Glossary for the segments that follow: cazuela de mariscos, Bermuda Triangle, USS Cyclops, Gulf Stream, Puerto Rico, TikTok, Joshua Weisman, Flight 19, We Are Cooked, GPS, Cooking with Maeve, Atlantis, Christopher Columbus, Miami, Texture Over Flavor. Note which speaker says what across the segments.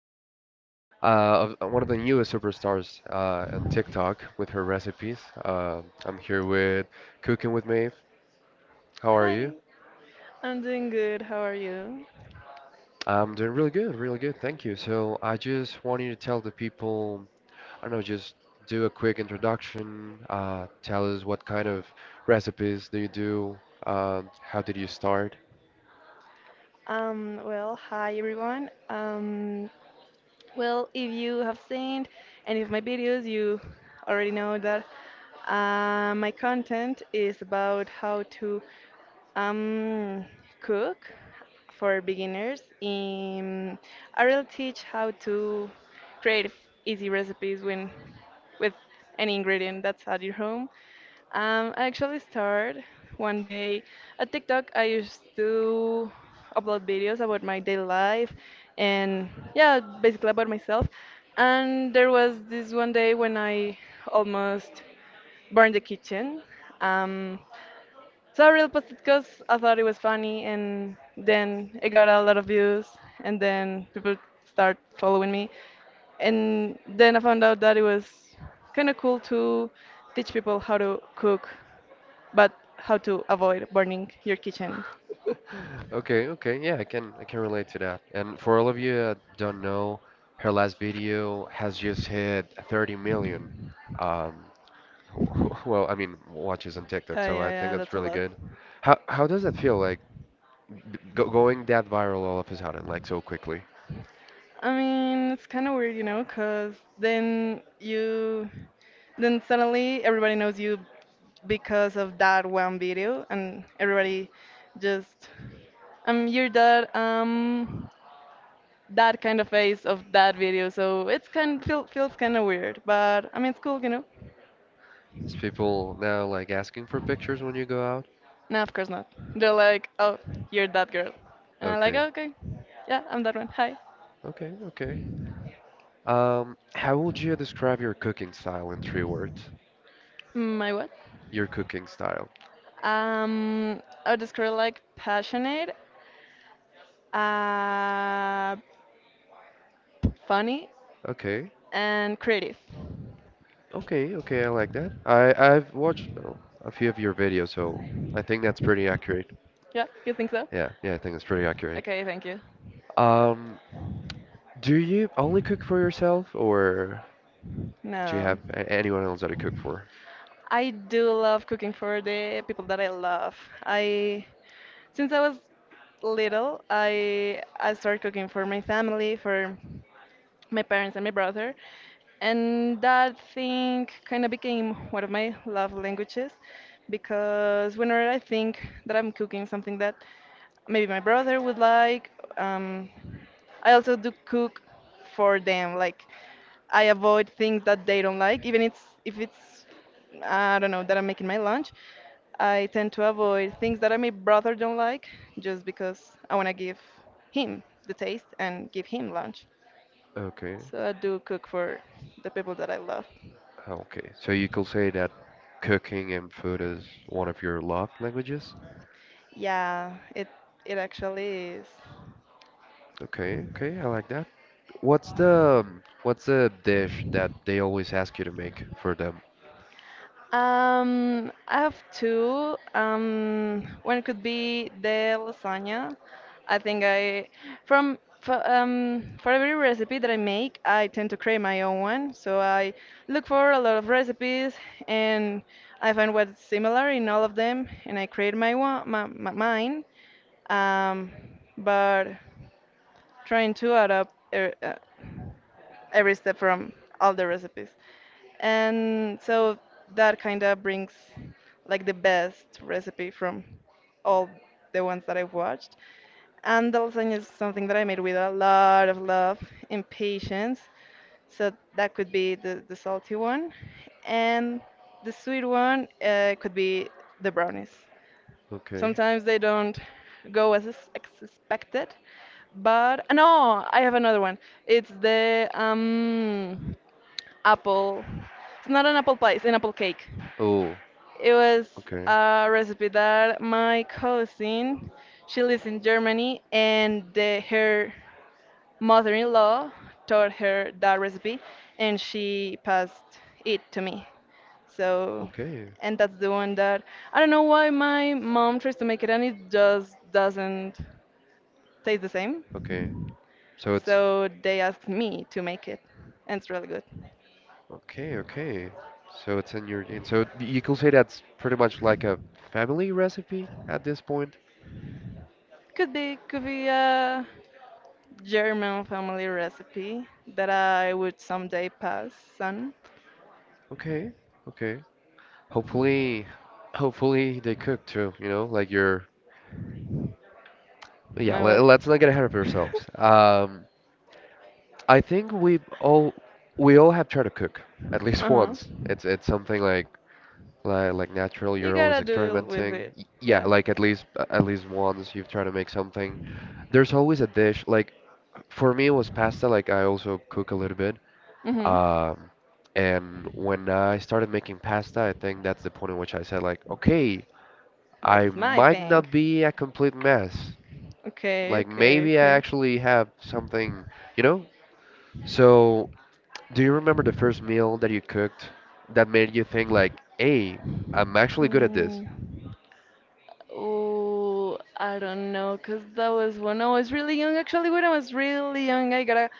Speaker 1: one of one of the newest superstars on TikTok with her recipes. I'm here with Cooking with Maeve. How are
Speaker 2: Hi,
Speaker 1: you?
Speaker 2: I'm doing good. How are you?
Speaker 1: I'm doing really good, really good. Thank you. So I just want you to tell the people, I don't know, just do a quick introduction. Tell us what kind of recipes do you do? How did you start?
Speaker 2: Well, hi everyone. Well, if you have seen any of my videos, you already know that my content is about how to Um, cook for beginners. I will teach how to create easy recipes when with any ingredient that's at your home. I actually started one day at TikTok. I used to upload videos about my daily life and, yeah, basically about myself. And there was this one day when I almost burned the kitchen. Um, so I really posted because I thought it was funny, and then it got a lot of views, and then people start following me, and then I found out that it was kind of cool to teach people how to cook, but how to avoid burning your kitchen.
Speaker 1: Okay, okay, yeah, I can relate to that. And for all of you that don't know, her last video has just hit 30 million, um, well, I mean, watches on TikTok.
Speaker 2: Yeah,
Speaker 1: So
Speaker 2: yeah,
Speaker 1: I think
Speaker 2: yeah,
Speaker 1: that's
Speaker 2: that's a
Speaker 1: really
Speaker 2: lot.
Speaker 1: good. How does that feel like going that viral all of a sudden, like so quickly?
Speaker 2: I mean, it's kind of weird, you know, because then you, then suddenly everybody knows you because of that one video, and everybody just, you're that kind of face of that video. So it's feels kind of weird, but I mean, it's cool, you know.
Speaker 1: Is people now like asking for pictures when you go out?
Speaker 2: No, of course not. They're like, oh, you're that girl, and I'm like,
Speaker 1: Okay,
Speaker 2: "Oh, okay, yeah, I'm that one. Hi,
Speaker 1: okay, okay. How would you describe your cooking style in three words?
Speaker 2: my what?
Speaker 1: Your cooking style.
Speaker 2: I would describe like passionate, Uh, funny,
Speaker 1: Okay.
Speaker 2: and creative.
Speaker 1: Okay, okay, I like that. I've watched a few of your videos, so I think that's pretty accurate.
Speaker 2: Yeah, you think so?
Speaker 1: Yeah, yeah, I think that's pretty accurate.
Speaker 2: Okay, thank you.
Speaker 1: Um, do you only cook for yourself, or do you
Speaker 2: No.
Speaker 1: have anyone else that you cook for?
Speaker 2: I do love cooking for the people that I love. I since I was little, I started cooking for my family, for my parents and my brother. And that thing kind of became one of my love languages because whenever I think that I'm cooking something that maybe my brother would like, um, I also do cook for them. Like I avoid things that they don't like, even it's if it's I don't know that I'm making my lunch. I tend to avoid things that I my brother don't like just because I want to give him the taste and give him lunch.
Speaker 1: Okay,
Speaker 2: So I do cook for the people that I love.
Speaker 1: okay. So you could say that cooking and food is one of your love languages?
Speaker 2: Yeah, it actually is.
Speaker 1: Okay, okay, I like that. What's the dish that they always ask you to make for them?
Speaker 2: I have two. One could be the lasagna. I think I from for every recipe that I make, I tend to create my own one. So I look for a lot of recipes, and I find what's similar in all of them, and I create my one my, my mine. Um, but trying to add up every step from all the recipes. And so that kind of brings like the best recipe from all the ones that I've watched. And the lasagna is something that I made with a lot of love and patience. So that could be the salty one. And the sweet one could be the brownies.
Speaker 1: Okay.
Speaker 2: Sometimes they don't go as expected. But no, I have another one. It's the apple. It's not an apple pie, it's an apple cake.
Speaker 1: Oh,
Speaker 2: It was
Speaker 1: okay.
Speaker 2: a recipe that my cousin, she lives in Germany, and her mother-in-law taught her that recipe and she passed it to me, so
Speaker 1: Okay,
Speaker 2: and that's the one that I don't know why my mom tries to make it, and it just doesn't taste the same,
Speaker 1: okay. So it's
Speaker 2: so they asked me to make it, and it's really good.
Speaker 1: okay, okay. So it's in your gene. So you could say that's pretty much like a family recipe at this point.
Speaker 2: Could be a German family recipe that I would someday pass on.
Speaker 1: Okay, okay. Hopefully, hopefully they cook too, you know, like you're yeah,
Speaker 2: My what?
Speaker 1: let's not get ahead of ourselves. I think we all have tried to cook at least
Speaker 2: Uh-huh.
Speaker 1: once. It's something like like natural,
Speaker 2: You
Speaker 1: you're always
Speaker 2: gotta deal with
Speaker 1: experimenting.
Speaker 2: it,
Speaker 1: Yeah,
Speaker 2: yeah.
Speaker 1: like at least once you've tried to make something. There's always a dish like for me, it was pasta. Like I also cook a little bit.
Speaker 2: Hmm.
Speaker 1: Um, and when I started making pasta, I think that's the point in which I said like, okay, I
Speaker 2: That's my
Speaker 1: might
Speaker 2: thing.
Speaker 1: not be a complete mess.
Speaker 2: Okay,
Speaker 1: Like
Speaker 2: okay,
Speaker 1: maybe I
Speaker 2: okay.
Speaker 1: actually have something, you know? So, do you remember the first meal that you cooked that made you think like, hey, I'm actually good at this?
Speaker 2: Hmm. Oh, I don't know, 'cause that was when I was really young. Actually, when I was really young, I gotta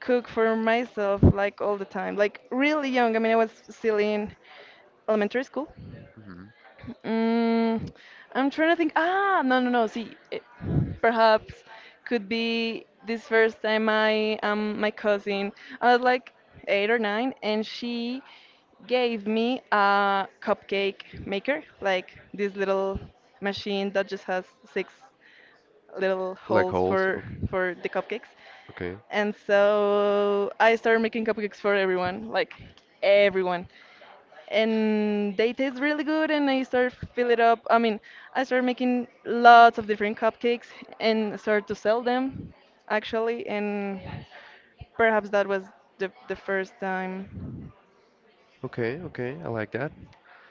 Speaker 2: cook for myself like all the time. Like really young. I mean, I was still in elementary school.
Speaker 1: hmm
Speaker 2: Mm, I'm trying to think. Ah, no, no, no. See, perhaps could be this first time I my cousin. I was like eight or nine, and she gave me a cupcake maker, like this little machine that just has six little
Speaker 1: Like
Speaker 2: holes
Speaker 1: holes.
Speaker 2: for
Speaker 1: Okay.
Speaker 2: for the cupcakes.
Speaker 1: Okay.
Speaker 2: And so I started making cupcakes for everyone, like everyone, and they taste really good. And I start fill it up I mean, I start making lots of different cupcakes and start to sell them, actually, and perhaps that was the first time.
Speaker 1: Okay. Okay. I like that.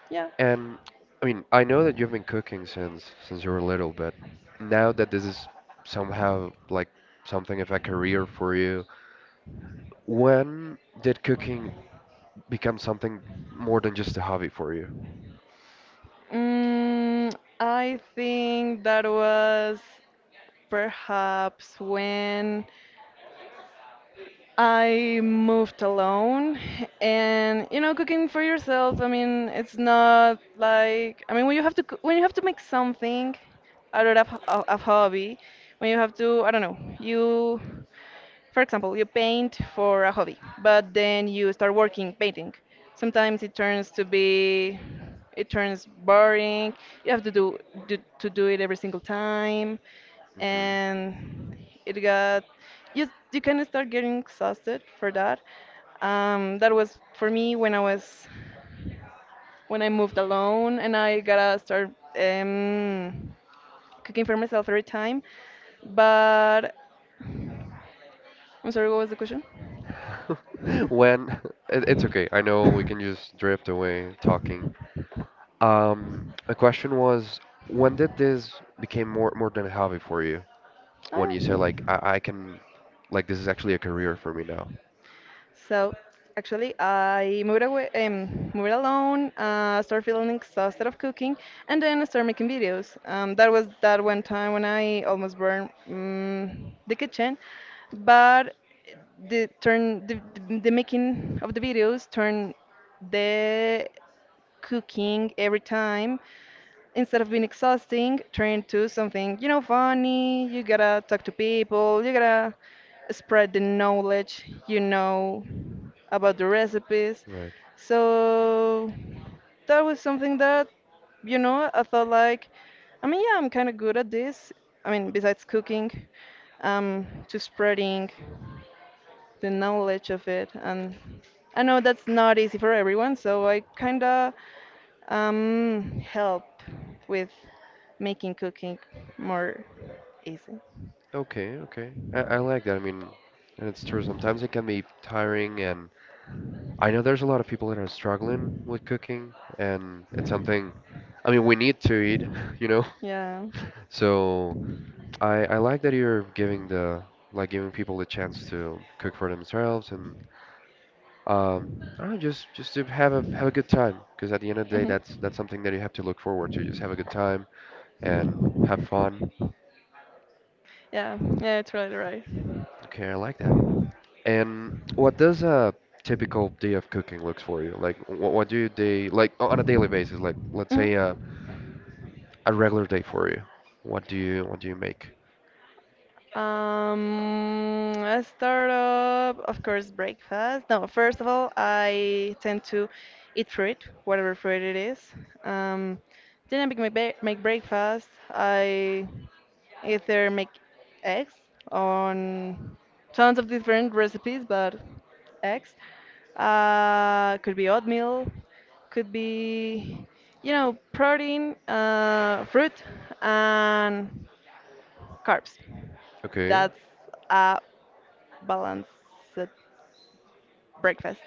Speaker 2: Yeah.
Speaker 1: And I mean, I know that you've been cooking since you were little, but now that this is somehow like something of a career for you, when did cooking become something more than just a hobby for you?
Speaker 2: mm, I think that was perhaps when I moved alone, and you know, cooking for yourself. I mean, it's not like, I mean, when you have to when you have to make something out of a hobby, when you have to, I don't know, you. For example, you paint for a hobby, but then you start working painting. Sometimes it turns boring. You have to do it every single time,
Speaker 1: hmm
Speaker 2: and it got you you kind of start getting exhausted for that. That was for me when I moved alone, and I gotta start um, cooking for myself every time. But I'm sorry, what was the question?
Speaker 1: When it's okay. I know we can just drift away talking. A question was, when did this became more than a hobby for you? When
Speaker 2: Oh,
Speaker 1: you said like
Speaker 2: yeah.
Speaker 1: like this is actually a career for me now.
Speaker 2: So actually, I moved away, moved alone, started feeling exhausted of cooking, and then I started making videos. That was that one time when I almost burned the kitchen, but the making of the videos turned the cooking every time, instead of being exhausting, turn to something, you know, funny. You gotta talk to people, you gotta spread the knowledge, you know, about the recipes.
Speaker 1: Right.
Speaker 2: So that was something that, you know, I thought like, I mean, yeah, I'm kind of good at this. I mean, besides cooking, to spreading the knowledge of it. And I know that's not easy for everyone, so I kind of help with making cooking more easy.
Speaker 1: Okay, okay. I like that. I mean, and it's true. Sometimes it can be tiring, and I know there's a lot of people that are struggling with cooking, and it's something, I mean, we need to eat, you know?
Speaker 2: Yeah.
Speaker 1: So I like that you're giving like giving people the chance to cook for themselves and, um, I don't know, just to have a good time, because at the end of the day, that's
Speaker 2: Hmm.
Speaker 1: something that you have to look forward to. Just have a good time and have fun.
Speaker 2: Yeah, yeah, it's really right.
Speaker 1: Okay, I like that. And what does a typical day of cooking looks for you? Like, what do you day like on a daily basis? Like,
Speaker 2: Hmm.
Speaker 1: a regular day for you. What do you make?
Speaker 2: I start up, of course, breakfast. No, first of all, I tend to eat fruit, whatever fruit it is. Um, then I make my ba make breakfast. I either make eggs on tons of different recipes, but eggs. Could be oatmeal, could be, you know, protein, fruit, and carbs.
Speaker 1: Okay,
Speaker 2: That's a balanced breakfast.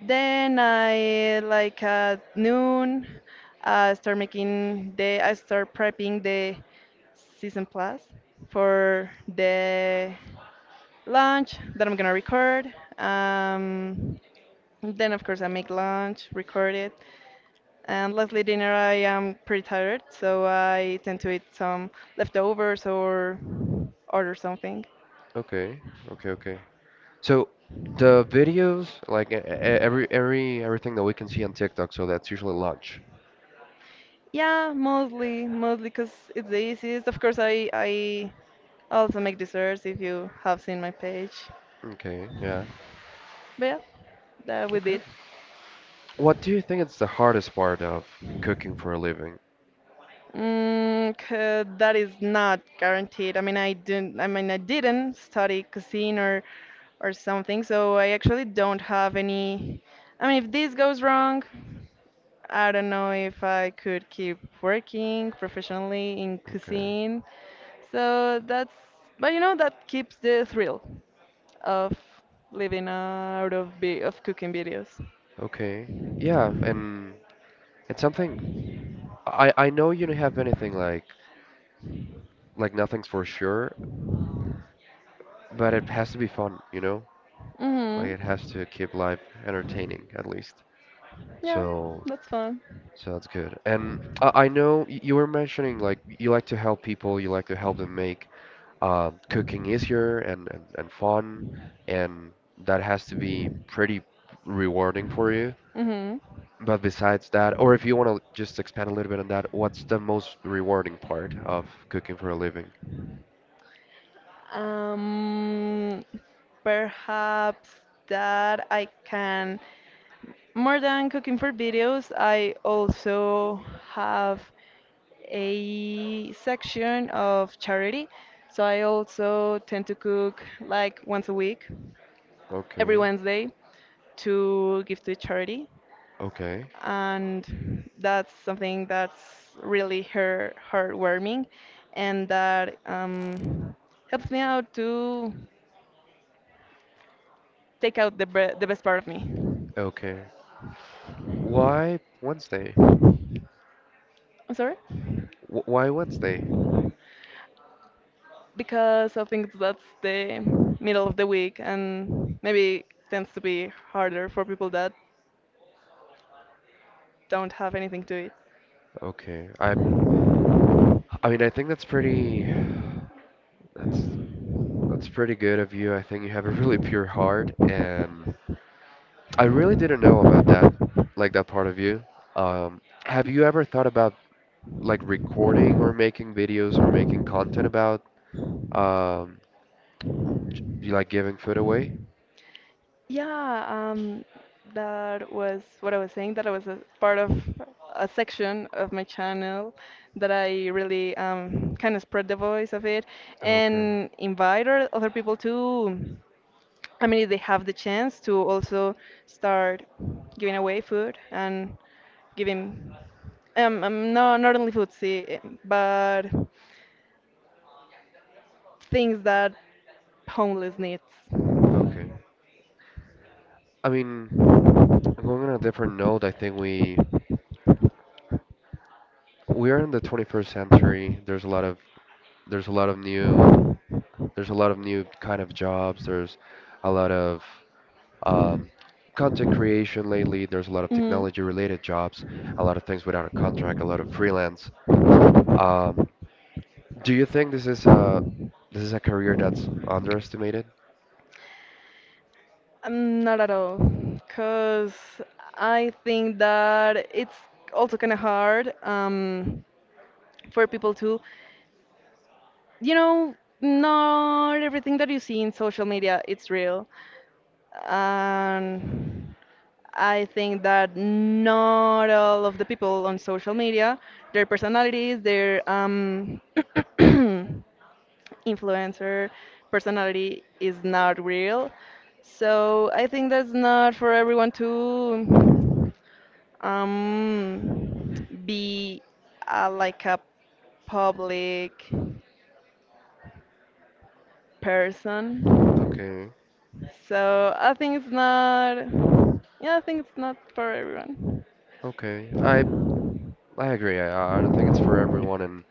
Speaker 2: Then I like at noon, I start prepping the season plus for the lunch that I'm gonna record. Um, then, of course, I make lunch, record it, and lastly, dinner, I am pretty tired, so I tend to eat some leftovers or order something.
Speaker 1: okay, okay, okay. So the videos, like everything that we can see on TikTok, so that's usually lunch.
Speaker 2: Yeah, mostly because it's the easiest. Of course, I also make desserts if you have seen my page.
Speaker 1: Okay, yeah.
Speaker 2: But yeah, that would be
Speaker 1: Okay.
Speaker 2: it.
Speaker 1: What do you think it's the hardest part of cooking for a living?
Speaker 2: That is not guaranteed. I mean, I didn't. I mean, I didn't study cuisine or something, so I actually don't have any. I mean, if this goes wrong, I don't know if I could keep working professionally in
Speaker 1: Okay.
Speaker 2: cuisine. So that's, but you know, that keeps the thrill of living out of of cooking videos.
Speaker 1: Okay. Yeah, and it's something I know you don't have anything like nothing's for sure, but it has to be fun, you know? Like
Speaker 2: Mhm.
Speaker 1: it has to keep life entertaining at least.
Speaker 2: Yeah,
Speaker 1: So
Speaker 2: that's fun.
Speaker 1: so that's good. And I know you were mentioning like you like to help people, you like to help them make cooking easier and fun, and that has to be pretty rewarding for you.
Speaker 2: Mhm.
Speaker 1: But besides that, or if you want to just expand a little bit on that, what's the most rewarding part of cooking for a living?
Speaker 2: Um, Perhaps that I can, more than cooking for videos, I also have a section of charity. So I also tend to cook like once a week, every
Speaker 1: Okay,
Speaker 2: Wednesday, to give to a charity.
Speaker 1: okay,
Speaker 2: And that's something that's really her heartwarming, and that helps me out to take out the best part of me.
Speaker 1: okay. Why Wednesday?
Speaker 2: I'm sorry?
Speaker 1: Why Wednesday?
Speaker 2: Because I think that's the middle of the week, and maybe tends to be harder for people that don't have anything to eat.
Speaker 1: Okay. I mean I think that's that's pretty good of you. I think you have a really pure heart and I really didn't know about that like that part of you. Have you ever thought about like recording or making videos or making content about um you like giving food away?
Speaker 2: Yeah, that was what I was saying, that I was a part of a section of my channel that I really kind of spread the voice of it,
Speaker 1: Okay.
Speaker 2: and invite other people to, I mean, if they have the chance to also start giving away food and giving, no, not only food, see, but things that homeless needs.
Speaker 1: Okay. I mean, going on a different note, I think we are in the 21st century. There's a lot of new There's a lot of new kind of jobs. There's a lot of um, content creation lately. There's a lot of
Speaker 2: Mhm.
Speaker 1: technology related jobs, a lot of things without a contract, a lot of freelance. Um, do you think this is a career that's underestimated?
Speaker 2: Not at all, because I think that it's also kind of hard for people to, you know, not everything that you see in social media it's real, and I think that not all of the people on social media, their personalities, their influencer personality is not real. So I think that's not for everyone to be like a public person.
Speaker 1: Okay,
Speaker 2: So I think it's not. Yeah, I think it's not for everyone.
Speaker 1: okay. I agree. I don't think it's for everyone, and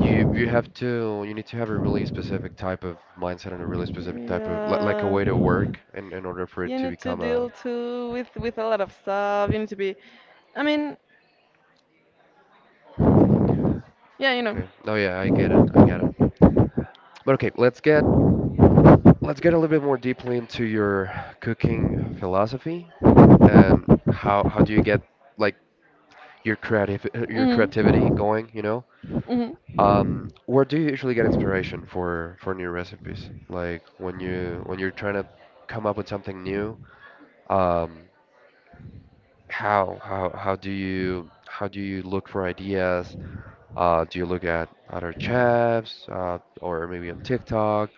Speaker 1: you have to you need to have a really specific type of mindset and a really specific type of like a
Speaker 2: Yeah,
Speaker 1: way to work in order for it
Speaker 2: you
Speaker 1: to
Speaker 2: need to
Speaker 1: become a
Speaker 2: deal too with a lot of stuff. You need to be. I mean, yeah.
Speaker 1: okay. No, yeah, I get it. I get it. But okay, let's get a little bit more deeply into your cooking philosophy and how do you get like your
Speaker 2: Mhm.
Speaker 1: creativity going, you know?
Speaker 2: Mhm.
Speaker 1: Where do you usually get inspiration for new recipes? Like when you when you're trying to come up with something new, um, how do you look for ideas? Do you look at other chefs or maybe on TikTok?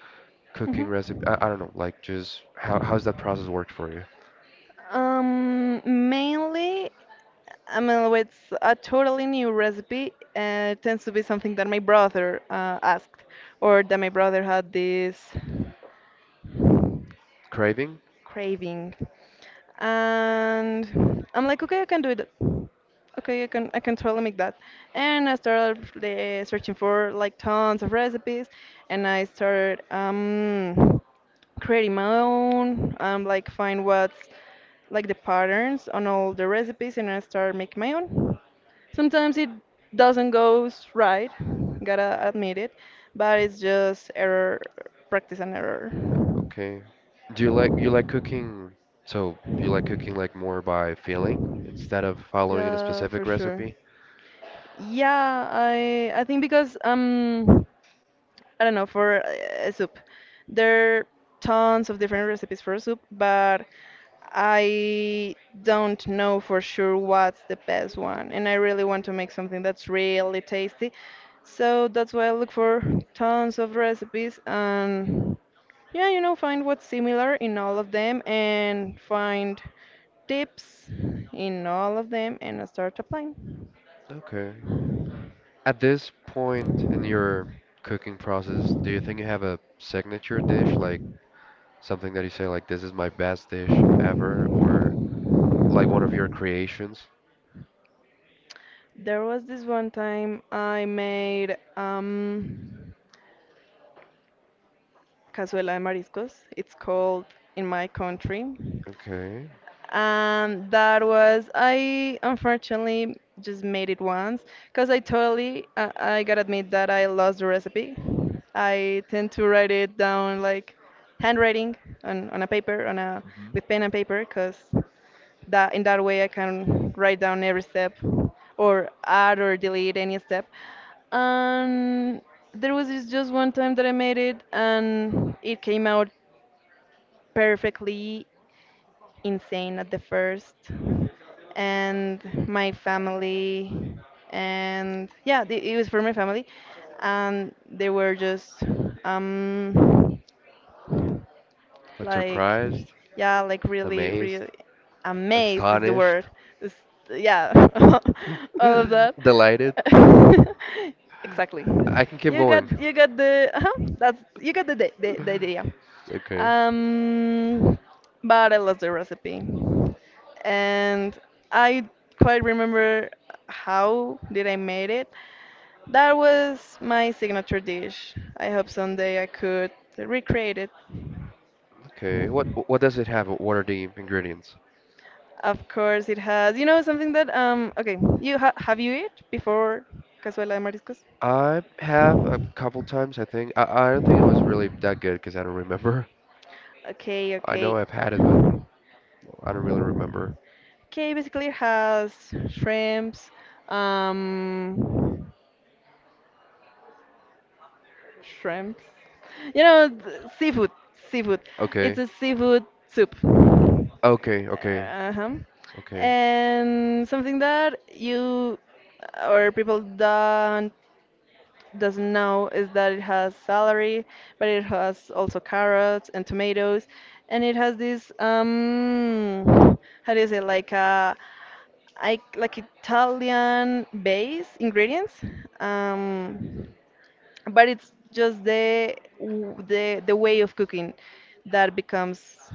Speaker 2: Mhm.
Speaker 1: Cooking recipe. I don't know, like just how how's that process work for you?
Speaker 2: Mainly, I mean, it's a totally new recipe. It tends to be something that my brother asked, or that my brother had this
Speaker 1: Craving?
Speaker 2: craving. And I'm like, okay, I can do it. Okay, I can totally make that. And I started searching for like tons of recipes, and I started creating my own. Like find what's like the patterns on all the recipes, and I started making my own. Sometimes it doesn't goes right, gotta admit it, but it's just error, practice and error.
Speaker 1: Okay. Do you like cooking? So you like cooking like more by feeling instead of following in a
Speaker 2: Yeah,
Speaker 1: specific
Speaker 2: for sure.
Speaker 1: recipe?
Speaker 2: Yeah, I think because I don't know, for a soup. There are tons of different recipes for soup, but I don't know for sure what's the best one. And I really want to make something that's really tasty. So that's why I look for tons of recipes and yeah, find what's similar in all of them and find tips in all of them and I start applying.
Speaker 1: Okay. At this point in your cooking process, do you think you have a signature dish, like something that you say like this is my best dish ever, or like one of your creations?
Speaker 2: There was this one time I made cazuela de mariscos. It's called in my country,
Speaker 1: Okay.
Speaker 2: and that was, I unfortunately just made it once because I gotta admit that I lost the recipe. I tend to write it down, like handwriting on a paper, on a, with pen and paper, because that, in that way I can write down every step or add or delete any step. And there was this just one time that I made it and it came out perfectly insane at the first. And my family, and yeah, the, it was for my family, and they were just um,
Speaker 1: Like
Speaker 2: like,
Speaker 1: surprised,
Speaker 2: yeah, like really
Speaker 1: amazed,
Speaker 2: really amazed is the
Speaker 1: astonished,
Speaker 2: word. It's- yeah. All of that.
Speaker 1: delighted.
Speaker 2: Exactly.
Speaker 1: I can keep
Speaker 2: you got
Speaker 1: going.
Speaker 2: you got the uh-huh, that's, you got the idea.
Speaker 1: Okay.
Speaker 2: um but I lost the recipe, and I quite remember how did I made it. That was my signature dish. I hope someday I could recreate it.
Speaker 1: Okay. What does it have? What are the ingredients?
Speaker 2: Of course it has. You know something that okay, you ha have you eat before cazuela de mariscos?
Speaker 1: I have a couple times, I think. I don't think it was really that good because I don't remember.
Speaker 2: Okay,
Speaker 1: I
Speaker 2: okay.
Speaker 1: know I've had it, but I don't really remember.
Speaker 2: Okay, basically it has shrimps, um shrimps. You know, seafood, seafood. It's
Speaker 1: Okay.
Speaker 2: a seafood soup.
Speaker 1: Okay. Okay.
Speaker 2: Uh-huh.
Speaker 1: Okay.
Speaker 2: And something that you or people don't doesn't know is that it has celery, but it has also carrots and tomatoes, and it has this how do you say, like a, I like Italian base ingredients, um, but it's just the, the way of cooking that becomes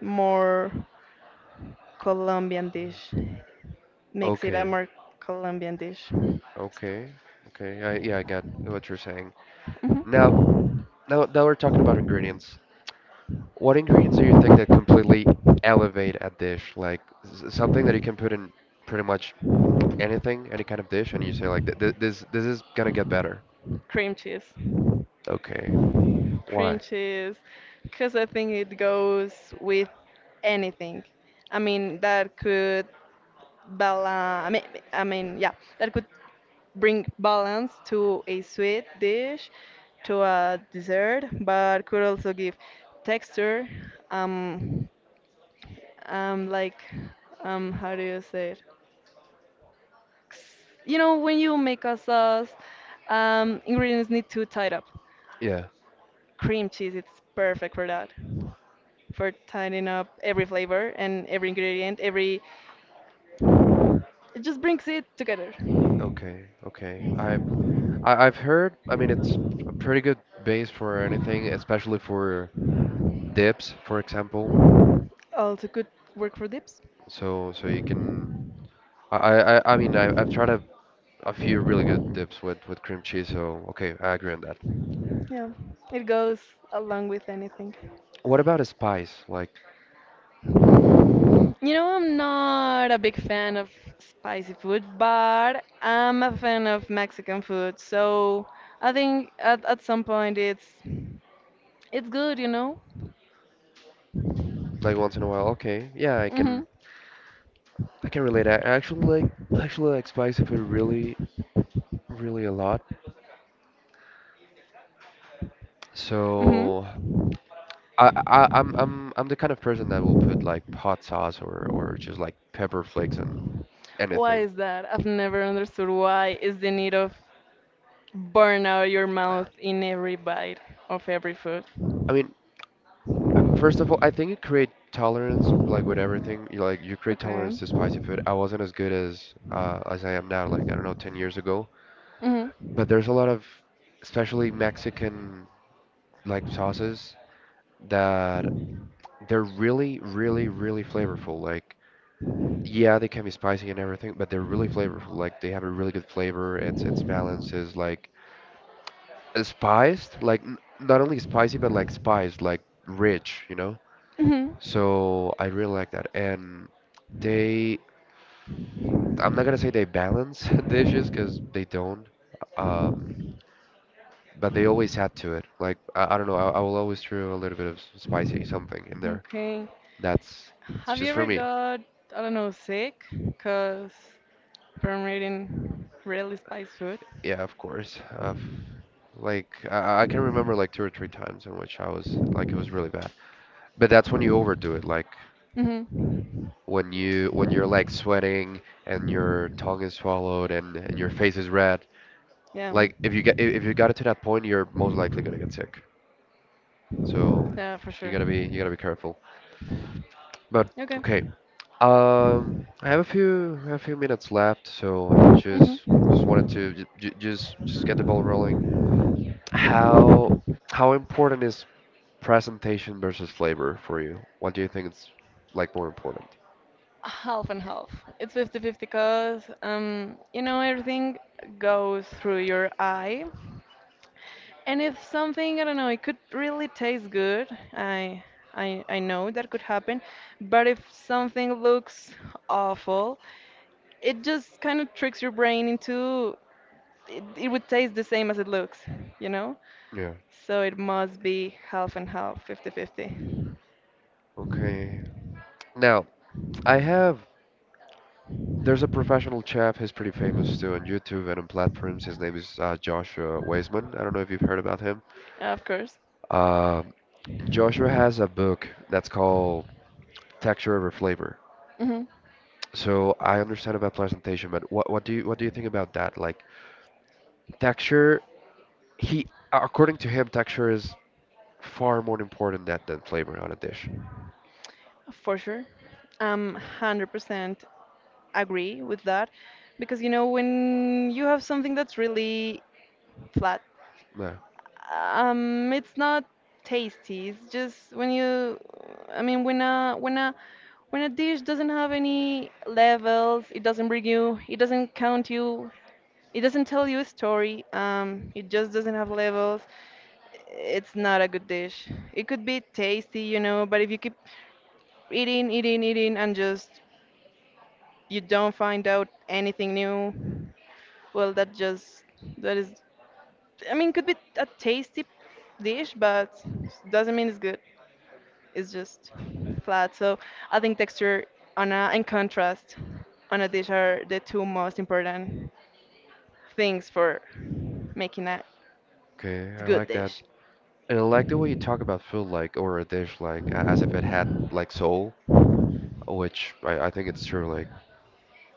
Speaker 2: more Colombian dish, makes it a
Speaker 1: Okay.
Speaker 2: more Colombian dish.
Speaker 1: Okay. Okay. Yeah, I got what you're saying. Now,
Speaker 2: Mhm.
Speaker 1: now we're talking about ingredients. What ingredients do you think that completely elevate a dish? Like something that you can put in pretty much anything, any kind of dish, and you say like, This, this is gonna get better."
Speaker 2: Cream cheese.
Speaker 1: Okay.
Speaker 2: Cream
Speaker 1: Why?
Speaker 2: cheese, because I think it goes with anything. I mean, that could balance. Yeah, that could bring balance to a sweet dish, to a dessert, but could also give texture. Um, um, like, how do you say it? You know, when you make a sauce, ingredients need to tie it up.
Speaker 1: Yeah.
Speaker 2: Cream cheese, it's perfect for that, for tidying up every flavor and every ingredient, every, it just brings it together.
Speaker 1: Okay. Okay. I've heard. I mean, it's a pretty good base for anything, especially for dips, for example.
Speaker 2: Also could work for dips.
Speaker 1: So, so you can. I mean, I've tried a few really good dips with cream cheese. So, okay, I agree on that.
Speaker 2: Yeah. It goes along with anything.
Speaker 1: What about a spice?
Speaker 2: You know, I'm not a big fan of spicy food, but I'm a fan of Mexican food. So I think at some point it's good, you know?
Speaker 1: Like once in a while. Okay. Yeah,
Speaker 2: Mhm.
Speaker 1: I can relate. I actually like spice if it really, really a lot.
Speaker 2: Mhm.
Speaker 1: So I I'm the kind of person that will put like hot sauce or just like pepper flakes on
Speaker 2: Why
Speaker 1: anything.
Speaker 2: is that? I've never understood why is the need of burn out your mouth in every bite of every food.
Speaker 1: I mean, first of all, I think you create tolerance like with everything. You like you create
Speaker 2: Okay.
Speaker 1: tolerance to spicy food. I wasn't as good as I am now, like I don't know, 10 years ago. But
Speaker 2: Mhm.
Speaker 1: there's a lot of, especially Mexican like sauces that they're really, really, really flavorful. Like yeah, they can be spicy and everything, but they're really flavorful. Like they have a really good flavor. It's balances like spiced, like not only spicy but like spiced, like rich, you know?
Speaker 2: Mhm.
Speaker 1: So I really like that. And they, I'm not gonna say they balance dishes because they don't, um, but they always add to it. Like I don't know, I will always throw a little bit of spicy something in there.
Speaker 2: Okay.
Speaker 1: That's that's
Speaker 2: Have
Speaker 1: just
Speaker 2: you
Speaker 1: for
Speaker 2: ever
Speaker 1: me.
Speaker 2: got, I don't know, sick because, from eating really spiced food?
Speaker 1: Yeah, of course. I've, like I can remember like two or three times in which I was like it was really bad. But that's when you overdo it. Like
Speaker 2: Mhm.
Speaker 1: when you're like sweating and your tongue is swallowed and your face is red.
Speaker 2: Yeah.
Speaker 1: Like if you got it to that point, you're most likely gonna get sick. So
Speaker 2: Yeah, for sure.
Speaker 1: you gotta be careful. But okay,
Speaker 2: Okay.
Speaker 1: um, I have a few minutes left, so I just wanted to
Speaker 2: Mhm.
Speaker 1: j j just get the ball rolling. How how important is presentation versus flavor for you? What do you think is like more important?
Speaker 2: Half and half. It's 50-50 because you know everything goes through your eye. And if something, I don't know, it could really taste good, I I know that could happen, but if something looks awful, it just kind of tricks your brain into, it would taste the same as it looks, you know?
Speaker 1: Yeah.
Speaker 2: So it must be half and half, fifty-fifty.
Speaker 1: Okay. Now, I have there's a professional chef. He's pretty famous too on YouTube and on platforms. His name is Joshua Weisman. I don't know if you've heard about him.
Speaker 2: Of course.
Speaker 1: Um, Joshua has a book that's called Texture Over Flavor.
Speaker 2: Hmm.
Speaker 1: So I understand about presentation, but what do you what do you think about that? Like texture, he according to him, texture is far more important than flavor on a dish.
Speaker 2: For sure. I'm 100% agree with that because you know when you have something that's really flat.
Speaker 1: No.
Speaker 2: It's not tasty. It's just when you, I mean, when a dish doesn't have any levels, it doesn't bring you, it doesn't count you, it doesn't tell you a story. It just doesn't have levels. It's not a good dish. It could be tasty, you know, but if you keep and just you don't find out anything new, well, that just, that is. I mean, could be a tasty dish, but doesn't mean it's good. It's just flat. So I think texture on a, and contrast on a dish are the two most important things for making a
Speaker 1: Okay, I
Speaker 2: good
Speaker 1: like that.
Speaker 2: dish.
Speaker 1: And I like the way you talk about food like or a dish like a- as if it had like soul, which I think it's true. Like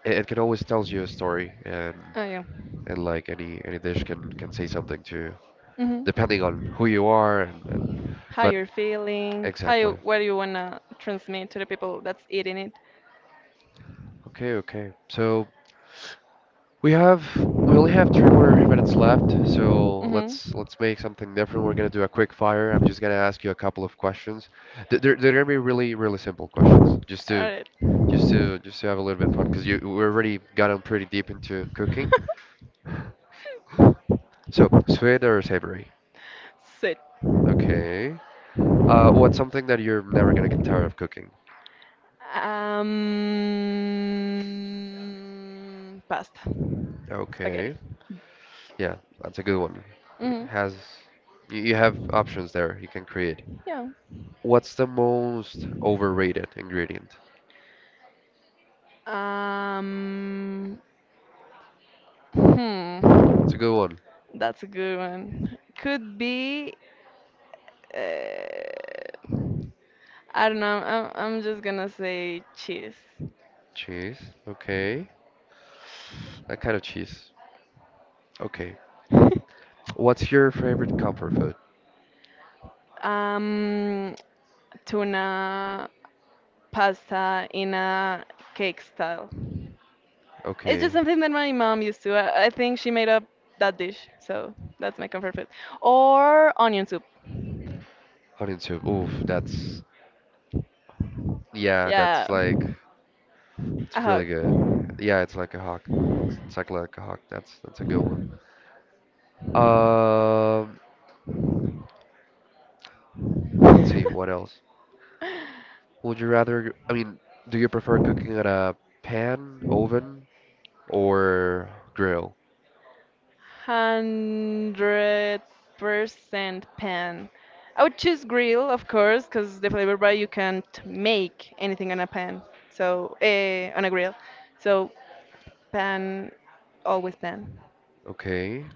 Speaker 1: it can always tells you a story
Speaker 2: Oh yeah.
Speaker 1: and like any dish can say something to you
Speaker 2: Hmm.
Speaker 1: depending on who you are and
Speaker 2: How
Speaker 1: but
Speaker 2: you're feeling? How
Speaker 1: exactly.
Speaker 2: you, what do you wanna transmit to the people that's eating it?
Speaker 1: Okay, okay, so we have we only have three more minutes left, so let's
Speaker 2: Mm-hmm.
Speaker 1: let's make something different. We're gonna do a quick fire. I'm just gonna ask you a couple of questions. They're gonna be really really simple questions
Speaker 2: All right.
Speaker 1: just to have a little bit of fun because you we already gotten pretty deep into cooking. So sweet or savory?
Speaker 2: So.
Speaker 1: Okay. What's something that you're never gonna get tired of cooking?
Speaker 2: Pasta, spaghetti.
Speaker 1: Okay. Yeah, that's a good one. It
Speaker 2: Hmm.
Speaker 1: has you have options there, you can create.
Speaker 2: Yeah.
Speaker 1: What's the most overrated ingredient?
Speaker 2: Um, hmm.
Speaker 1: That's a good one.
Speaker 2: That's a good one. Could be. Uh, I don't know. I'm just gonna say cheese.
Speaker 1: Cheese. Okay. That kind of cheese. Okay. What's your favorite comfort food?
Speaker 2: um, Tuna pasta in a cake style. It's just
Speaker 1: Okay.
Speaker 2: something that my mom used to. I think she made up that dish, so that's my comfort food. Or onion soup.
Speaker 1: Onion soup. Oof, that's yeah,
Speaker 2: Yeah,
Speaker 1: that's like
Speaker 2: a
Speaker 1: it's
Speaker 2: hug.
Speaker 1: really good. Yeah, it's like a hawk. It's exactly like a hawk. That's a good one. Um, let's see, what else? Would you rather, I mean, do you prefer cooking at a pan, oven, or grill?
Speaker 2: 100% pan. I would choose grill, of course, because the flavor bar you can't make anything on a pan. So on a grill. So pan, always pan.
Speaker 1: Okay.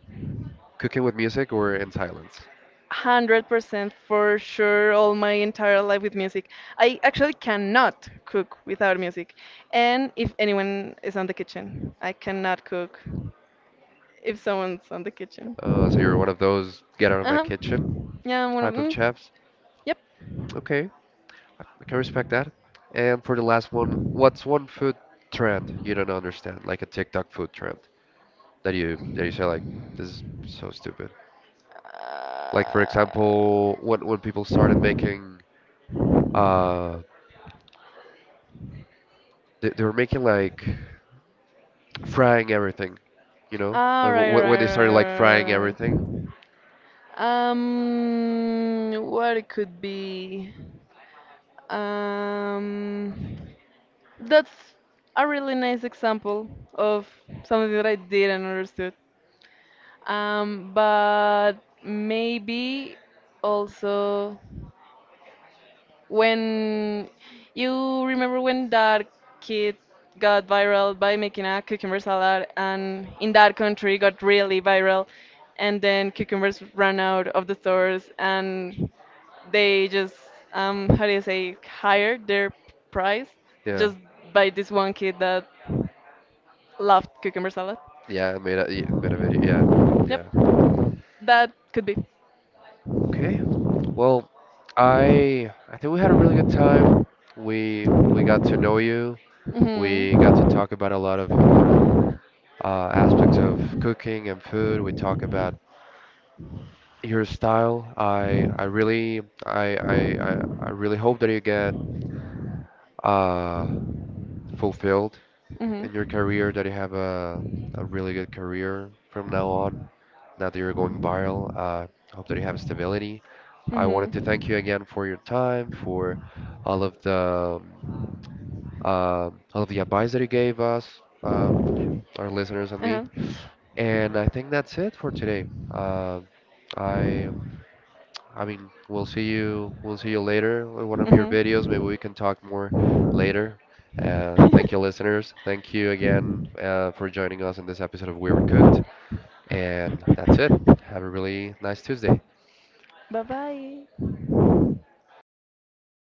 Speaker 1: Cooking with music or in silence?
Speaker 2: 100% for sure all my entire life with music. I actually cannot cook without music. And if anyone is on the kitchen, I cannot cook if someone's on the kitchen.
Speaker 1: So you're one of those get out of my
Speaker 2: Uh-huh.
Speaker 1: kitchen
Speaker 2: Yeah, I'm one of
Speaker 1: type of chefs.
Speaker 2: yep.
Speaker 1: Okay, I can respect that. And for the last one, what's one food trend you don't understand, like a TikTok food trend that you say like this is so stupid. Like for
Speaker 2: Uh,
Speaker 1: example, when people started making uh they were making like frying everything, you know?
Speaker 2: all
Speaker 1: Like
Speaker 2: right,
Speaker 1: when
Speaker 2: right,
Speaker 1: they started like frying
Speaker 2: right, right,
Speaker 1: everything.
Speaker 2: right. What it could be? Um, That's a really nice example of something that I didn't understood. But maybe also when, you remember when that kid got viral by making a cucumber salad and in that country got really viral, and then cucumbers ran out of the stores, and they just, how do you say, higher their price,
Speaker 1: Yeah.
Speaker 2: just by this one kid that loved cucumber salad.
Speaker 1: Yeah, I made a video. Yeah.
Speaker 2: Yep,
Speaker 1: Yeah.
Speaker 2: that could be.
Speaker 1: Okay. Well, I think we had a really good time. We got to know you.
Speaker 2: Mhm.
Speaker 1: We got to talk about a lot of important aspects of cooking and food. We talk about your style. I, I really hope that you get uh fulfilled in your
Speaker 2: Mhm.
Speaker 1: career, that you have a really good career from now on, now that you're going viral. Hope that you have stability. I wanted to thank you
Speaker 2: Mhm.
Speaker 1: again for your time, for all of the um, all of the advice that you gave us, um, our listeners and me.
Speaker 2: Uh huh.
Speaker 1: And I think that's it for today. Uh, I I mean, we'll see you. We'll see you later in one of your videos. Maybe
Speaker 2: Mhm.
Speaker 1: we can talk more later. Thank you, listeners. Thank you again for joining us in this episode of We Are Cooked. And that's it. Have a really nice Tuesday.
Speaker 2: Bye bye.